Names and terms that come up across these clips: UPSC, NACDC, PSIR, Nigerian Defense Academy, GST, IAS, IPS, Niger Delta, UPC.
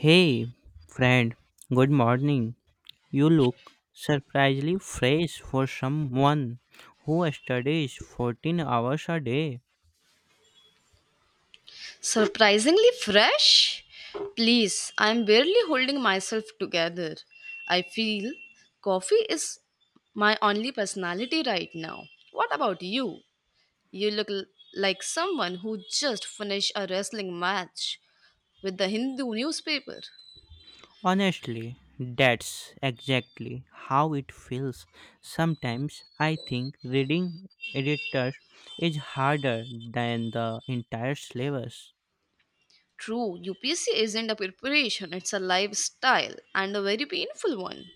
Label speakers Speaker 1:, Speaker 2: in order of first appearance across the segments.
Speaker 1: Hey, friend, good morning. You look surprisingly fresh for someone who studies 14 hours a day.
Speaker 2: Surprisingly fresh? Please, I'm barely holding myself together. I feel coffee is my only personality right now. What about you? You look like someone who just finished a wrestling match with the Hindu newspaper.
Speaker 1: Honestly, that's exactly how it feels. Sometimes I think reading editors is harder than the entire syllabus.
Speaker 2: True, UPC isn't a preparation, it's a lifestyle and a very painful one.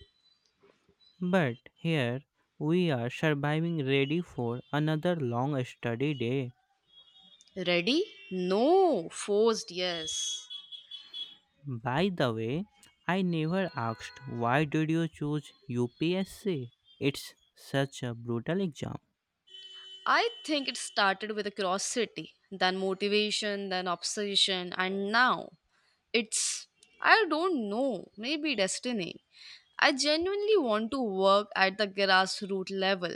Speaker 1: But here we are surviving ready for another long study day.
Speaker 2: Ready? No. Forced, yes.
Speaker 1: By the way, I never asked why did you choose UPSC? It's such a brutal exam.
Speaker 2: I think it started with a curiosity, then motivation, then obsession, and now it's, I don't know, maybe destiny. I genuinely want to work at the grassroots level.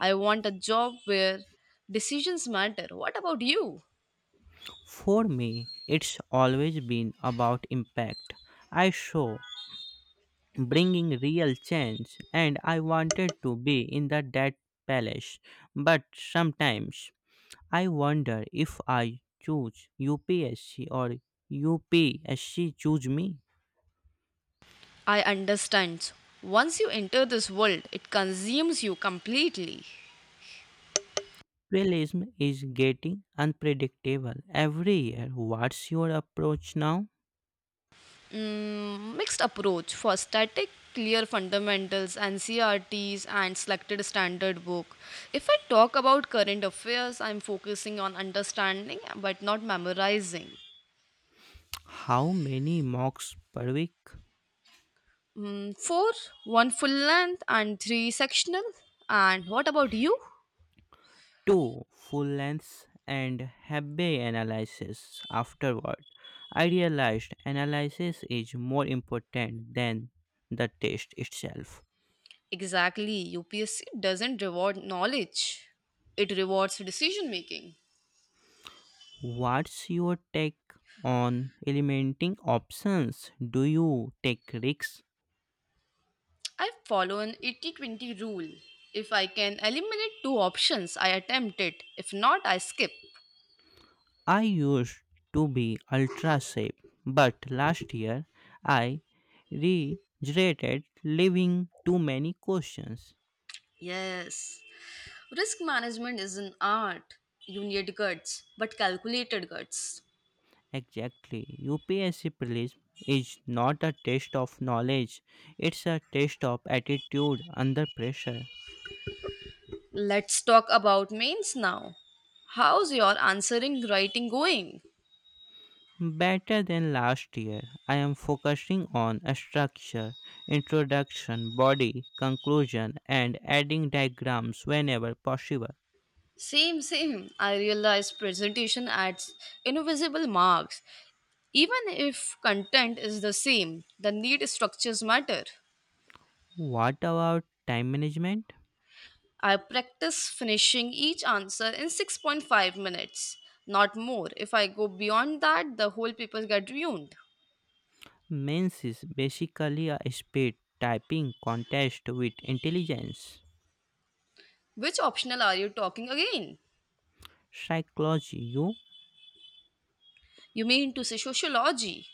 Speaker 2: I want a job where decisions matter. What about you?
Speaker 1: For me, it's always been about impact. I saw bringing real change and I wanted to be in the dead palace. But sometimes I wonder if I choose UPSC or UPSC choose me.
Speaker 2: I understand. Once you enter this world, it consumes you completely.
Speaker 1: Realism is getting unpredictable every year. What's your approach now?
Speaker 2: Mixed approach for static, clear fundamentals and crts and selected standard book. If I talk about current affairs, I'm focusing on understanding but not memorizing.
Speaker 1: How many mocks per week?
Speaker 2: 4, 1 full length and 3 sectional. And what about you?
Speaker 1: Two full lengths and Hebbe analysis afterward. I realized analysis is more important than the test itself.
Speaker 2: Exactly, upsc doesn't reward knowledge, it rewards decision making.
Speaker 1: What's your take on eliminating options? Do you take risks?
Speaker 2: I follow an 80-20 rule. If I can eliminate two options, I attempt it. If not, I skip.
Speaker 1: I used to be ultra safe, but last year I regretted leaving too many questions.
Speaker 2: Yes. Risk management is an art. You need guts, but calculated guts.
Speaker 1: Exactly. UPSC prelims is not a test of knowledge, it's a test of attitude under pressure.
Speaker 2: Let's talk about mains now. How's your answering writing going?
Speaker 1: Better than last year, I am focusing on structure, introduction, body, conclusion, and adding diagrams whenever possible.
Speaker 2: Same, same. I realize presentation adds invisible marks. Even if content is the same, the need structures matter.
Speaker 1: What about time management?
Speaker 2: I practice finishing each answer in 6.5 minutes, not more. If I go beyond that, the whole paper get ruined.
Speaker 1: Men's is basically a speed typing contest with intelligence,
Speaker 2: Which optional are you talking again?
Speaker 1: psychology, you,
Speaker 2: You mean to say sociology?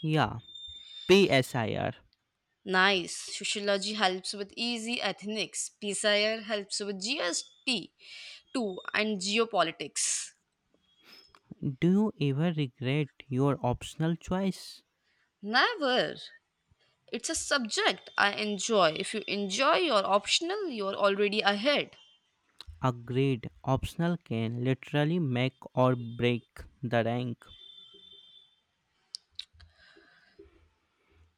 Speaker 1: yeah, PSIR.
Speaker 2: Nice. Sociology helps with easy ethnics. PSIR helps with GST too and geopolitics.
Speaker 1: Do you ever regret your optional choice?
Speaker 2: Never. It's a subject I enjoy. If you enjoy your optional, you're already ahead.
Speaker 1: A grade optional can literally make or break the rank.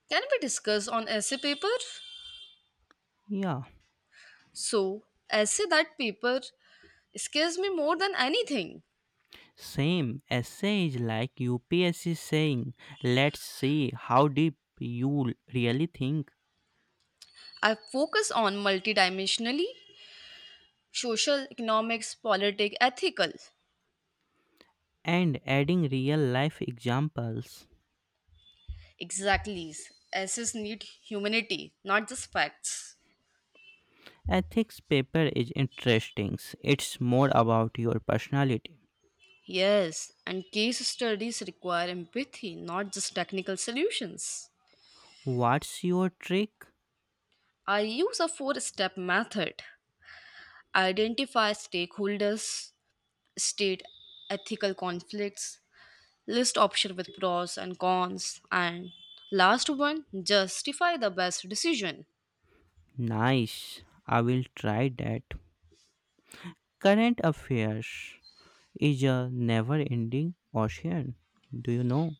Speaker 2: Can we discuss on essay paper?
Speaker 1: Yeah,
Speaker 2: So, essay that paper scares me more than anything.
Speaker 1: same essay is like UPSC saying, let's see how deep you really think,
Speaker 2: I focus on multidimensionally social, economics, politics, ethical.
Speaker 1: and adding real life examples.
Speaker 2: Exactly. Essays need humanity, not just facts.
Speaker 1: Ethics paper is interesting. It's more about your personality.
Speaker 2: Yes, and case studies require empathy, not just technical solutions.
Speaker 1: What's your trick?
Speaker 2: I use a four step method: identify stakeholders, state ethical conflicts, list option with pros and cons. And last one, justify the best decision.
Speaker 1: Nice. I will try that. Current affairs is a never ending ocean. Do you know?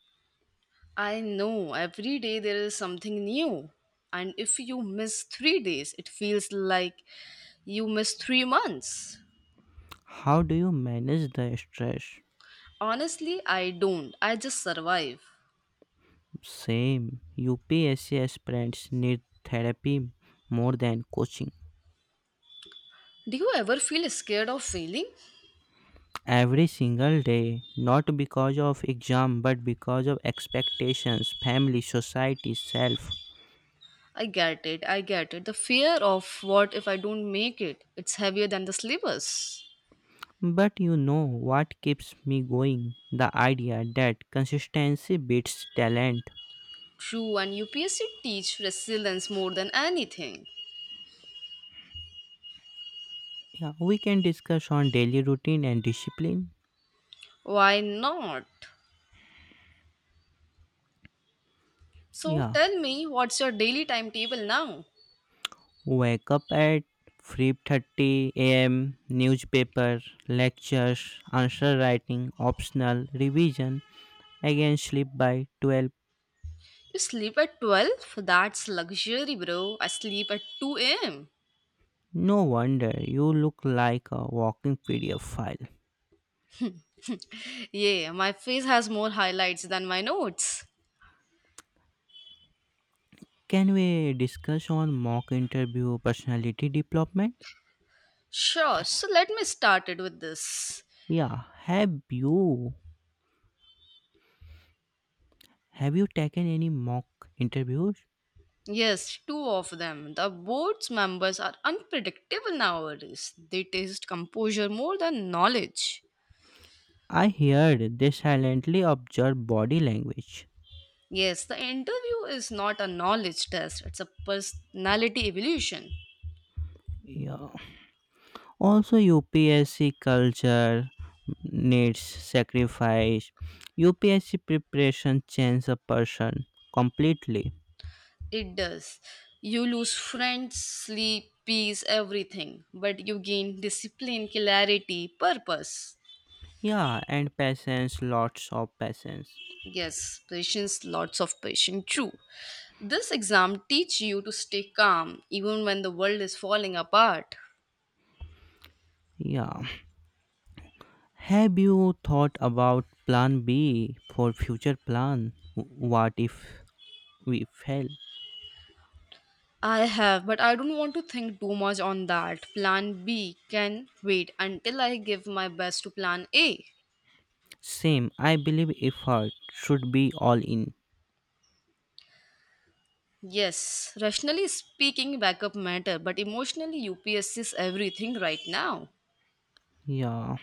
Speaker 2: I know every day there is something new. And if you miss 3 days, it feels like you missed 3 months.
Speaker 1: How do you manage the stress?
Speaker 2: Honestly, I don't. I just survive.
Speaker 1: Same. UPSC aspirants need therapy more than coaching.
Speaker 2: Do you ever feel scared of failing?
Speaker 1: Every single day, not because of exam but because of expectations, family, society, self.
Speaker 2: I get it. I get it. The fear of what if I don't make it? It's heavier than the syllabus.
Speaker 1: But you know what keeps me going? The idea that consistency beats talent.
Speaker 2: True, and UPSC teach resilience more than anything.
Speaker 1: Yeah, we can discuss on daily routine and discipline.
Speaker 2: Why not? So
Speaker 1: Yeah,
Speaker 2: tell me, what's your daily timetable now?
Speaker 1: wake up at 3:30 a.m., newspaper, lectures, answer writing, optional revision. Again sleep by 12.
Speaker 2: You sleep at 12? That's luxury, bro. I sleep at 2 am.
Speaker 1: No wonder you look like a walking PDF file.
Speaker 2: Yeah, my face has more highlights than my notes.
Speaker 1: Can we discuss on mock interview personality development?
Speaker 2: Sure, so let me start it with this.
Speaker 1: Yeah, have you Have you taken any mock interviews?
Speaker 2: Yes, two of them. The board's members are unpredictable nowadays. They test composure more than knowledge.
Speaker 1: I heard they silently observe body language.
Speaker 2: Yes, the interview is not a knowledge test, it's a personality evolution.
Speaker 1: Yeah. Also, UPSC culture needs sacrifice. UPSC preparation changes a person completely.
Speaker 2: It does. You lose friends, sleep, peace, everything, but you gain discipline, clarity, purpose.
Speaker 1: Yeah, and patience, lots of patience.
Speaker 2: Yes, patience, lots of patience, true. This exam teach you to stay calm even when the world is falling apart.
Speaker 1: Yeah. Have you thought about plan B for future plan? What if we fail?
Speaker 2: I have, but I don't want to think too much on that. Plan B can wait until I give my best to plan A.
Speaker 1: Same, I believe effort should be all in.
Speaker 2: Yes, rationally speaking, backup matter, but emotionally, UPSC is everything right now.
Speaker 1: Yeah,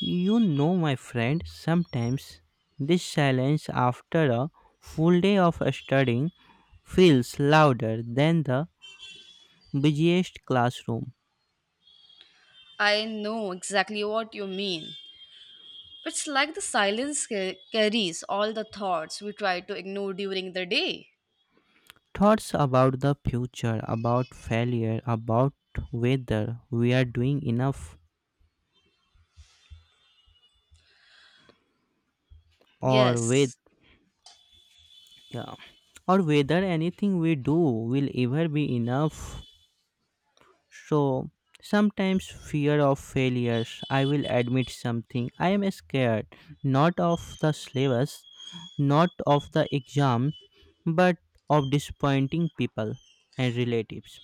Speaker 1: you know, my friend, sometimes this silence after a full day of studying feels louder than the busiest classroom.
Speaker 2: I know exactly what you mean. It's like the silence carries all the thoughts we try to ignore during the day.
Speaker 1: Thoughts about the future, about failure, about whether we are doing enough or with
Speaker 2: Yes.
Speaker 1: yeah, or whether anything we do will ever be enough. So sometimes fear of failures. I will admit something. I am scared not of the syllabus, not of the exam, but of disappointing people and relatives.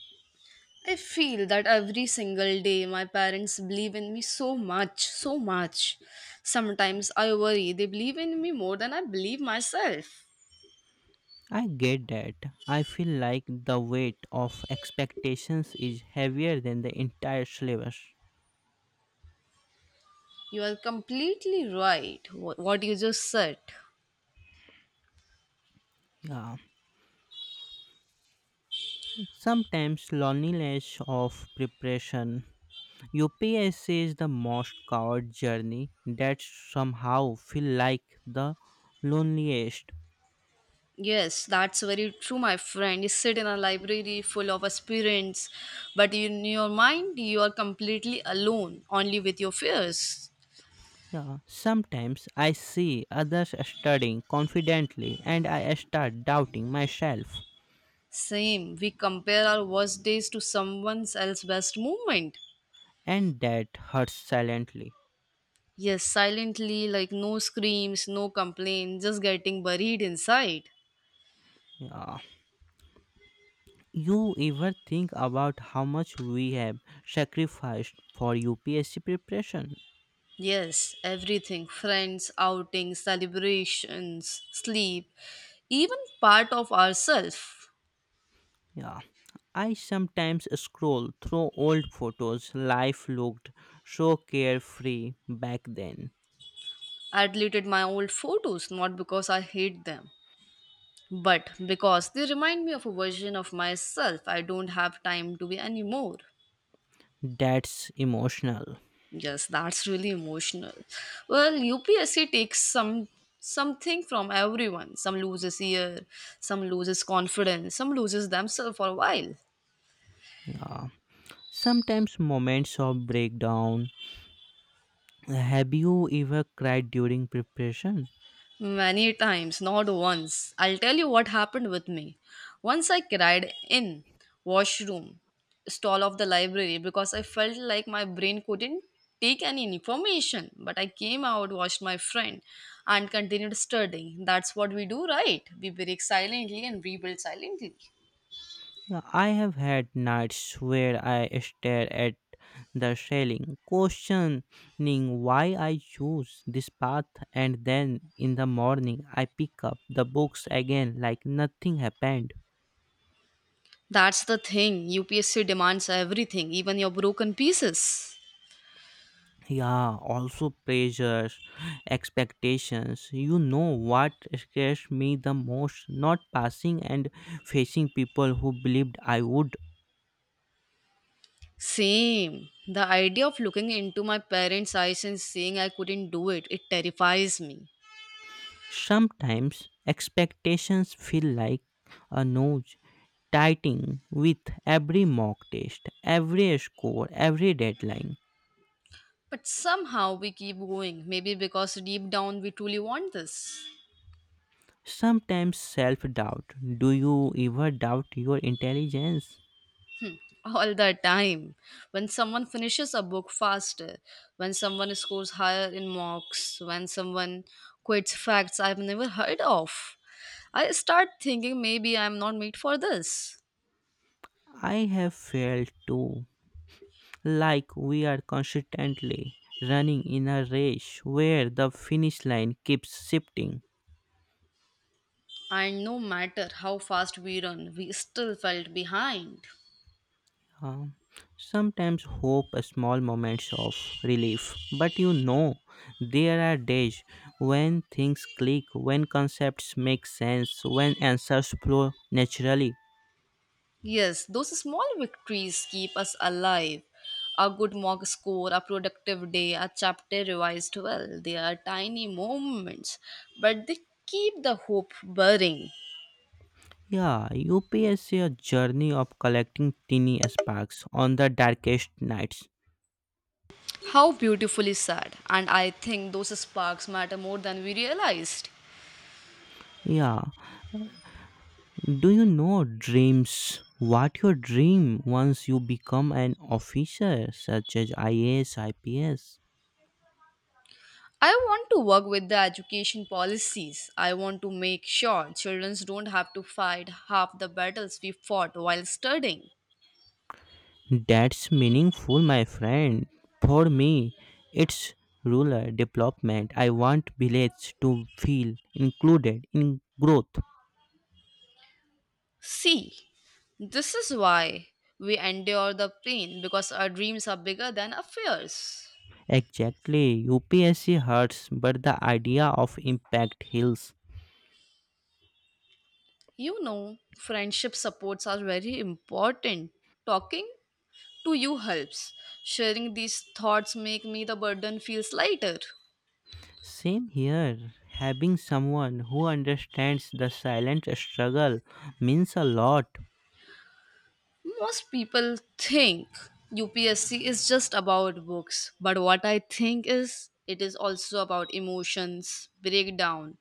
Speaker 2: I feel that every single day my parents believe in me so much, so much. Sometimes I worry they believe in me more than I believe myself.
Speaker 1: I get that. I feel like the weight of expectations is heavier than the entire syllabus.
Speaker 2: You are completely right, what you just said.
Speaker 1: Yeah. Sometimes loneliness of preparation. UPSC is the most coward journey that somehow feel like the loneliest.
Speaker 2: Yes, that's very true, my friend. You sit in a library full of aspirants, but in your mind, you are completely alone, only with your fears.
Speaker 1: Yeah, sometimes I see others studying confidently and I start doubting myself,
Speaker 2: Same, we compare our worst days to someone else's best moment.
Speaker 1: and that hurts silently.
Speaker 2: Yes, silently, like no screams, no complaints, just getting buried inside.
Speaker 1: Yeah. You ever think about how much we have sacrificed for UPSC preparation?
Speaker 2: Yes, everything friends, outings, celebrations, sleep, even part of ourself.
Speaker 1: Yeah, I sometimes scroll through old photos. Life looked so carefree back then.
Speaker 2: I deleted my old photos not because I hate them, but because they remind me of a version of myself I don't have time to be anymore.
Speaker 1: That's emotional.
Speaker 2: Yes, that's really emotional. Well, UPSC takes something from everyone. Some loses ear, some loses confidence, some loses themselves for a while.
Speaker 1: Yeah, sometimes moments of breakdown. Have you ever cried during preparation?
Speaker 2: Many times, not once. I'll tell you what happened with me. Once I cried in washroom stall of the library because I felt like my brain couldn't take any information. But I came out, washed my friend, and continued studying. That's what we do, right? We break silently and rebuild silently.
Speaker 1: Yeah, I have had nights where I stare at the ceiling, questioning why I choose this path, and then in the morning I pick up the books again like nothing happened.
Speaker 2: That's the thing. UPSC demands everything, even your broken pieces.
Speaker 1: Yeah, also pressures, expectations. You know what scares me the most? Not passing and facing people who believed I would.
Speaker 2: Same. The idea of looking into my parents' eyes and saying I couldn't do it, it terrifies me.
Speaker 1: Sometimes expectations feel like a nose tightening with every mock test, every score, every deadline.
Speaker 2: But somehow we keep going. Maybe because deep down we truly want this.
Speaker 1: Sometimes self doubt. Do you ever doubt your intelligence?
Speaker 2: All the time. When someone finishes a book faster, when someone scores higher in mocks, when someone quotes facts I've never heard of, I start thinking maybe I'm not made for this.
Speaker 1: I have failed too, like we are constantly running in a race where the finish line keeps shifting.
Speaker 2: And no matter how fast we run, we still felt behind.
Speaker 1: Um, Sometimes hope a small moments of relief, but you know there are days when things click, when concepts make sense, when answers flow naturally.
Speaker 2: Yes, those small victories keep us alive. A good mock score, a productive day, a chapter revised well. They are tiny moments, but they keep the hope burning.
Speaker 1: Yeah, UPSC is a journey of collecting tiny sparks on the darkest nights.
Speaker 2: How beautifully said. And I think those sparks matter more than we realized.
Speaker 1: Yeah, do you know dreams? What your dream once you become an officer, such as IAS, IPS?
Speaker 2: I want to work with the education policies. I want to make sure children don't have to fight half the battles we fought while studying.
Speaker 1: That's meaningful, my friend. For me, it's rural development. I want village to feel included in growth.
Speaker 2: See, this is why we endure the pain because our dreams are bigger than our fears.
Speaker 1: Exactly, UPSC hurts, but the idea of impact heals.
Speaker 2: You know, friendship supports are very important. Talking to you helps. Sharing these thoughts make me the burden feels lighter.
Speaker 1: Same here. Having someone who understands the silent struggle means a lot.
Speaker 2: Most people think UPSC is just about books, but what I think is it is also about emotions, breakdown.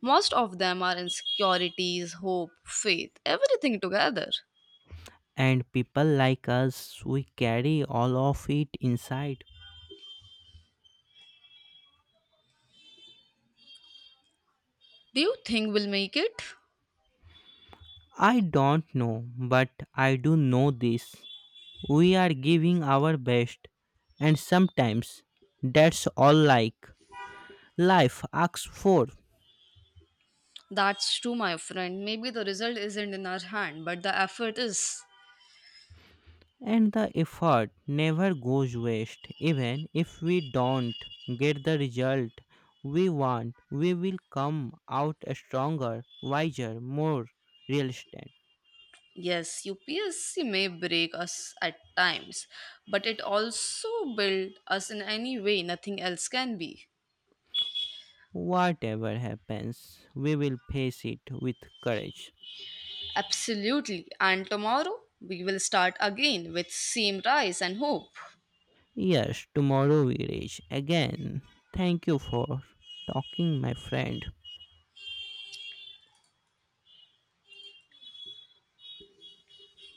Speaker 2: Most of them are insecurities, hope, faith, everything together.
Speaker 1: And people like us, we carry all of it inside.
Speaker 2: Do you think we'll make it?
Speaker 1: I don't know, but I do know this, we are giving our best, and sometimes that's all like life asks for.
Speaker 2: That's true, my friend. Maybe the result isn't in our hand, but the effort is.
Speaker 1: And the effort never goes waste. Even if we don't get the result we want, we will come out stronger, wiser, more realistic.
Speaker 2: Yes, UPSC may break us at times, but it also builds us in any way nothing else can be.
Speaker 1: Whatever happens, we will face it with courage.
Speaker 2: Absolutely. And tomorrow we will start again with same rice and hope.
Speaker 1: Yes, tomorrow we rage again. Thank you for talking, my friend.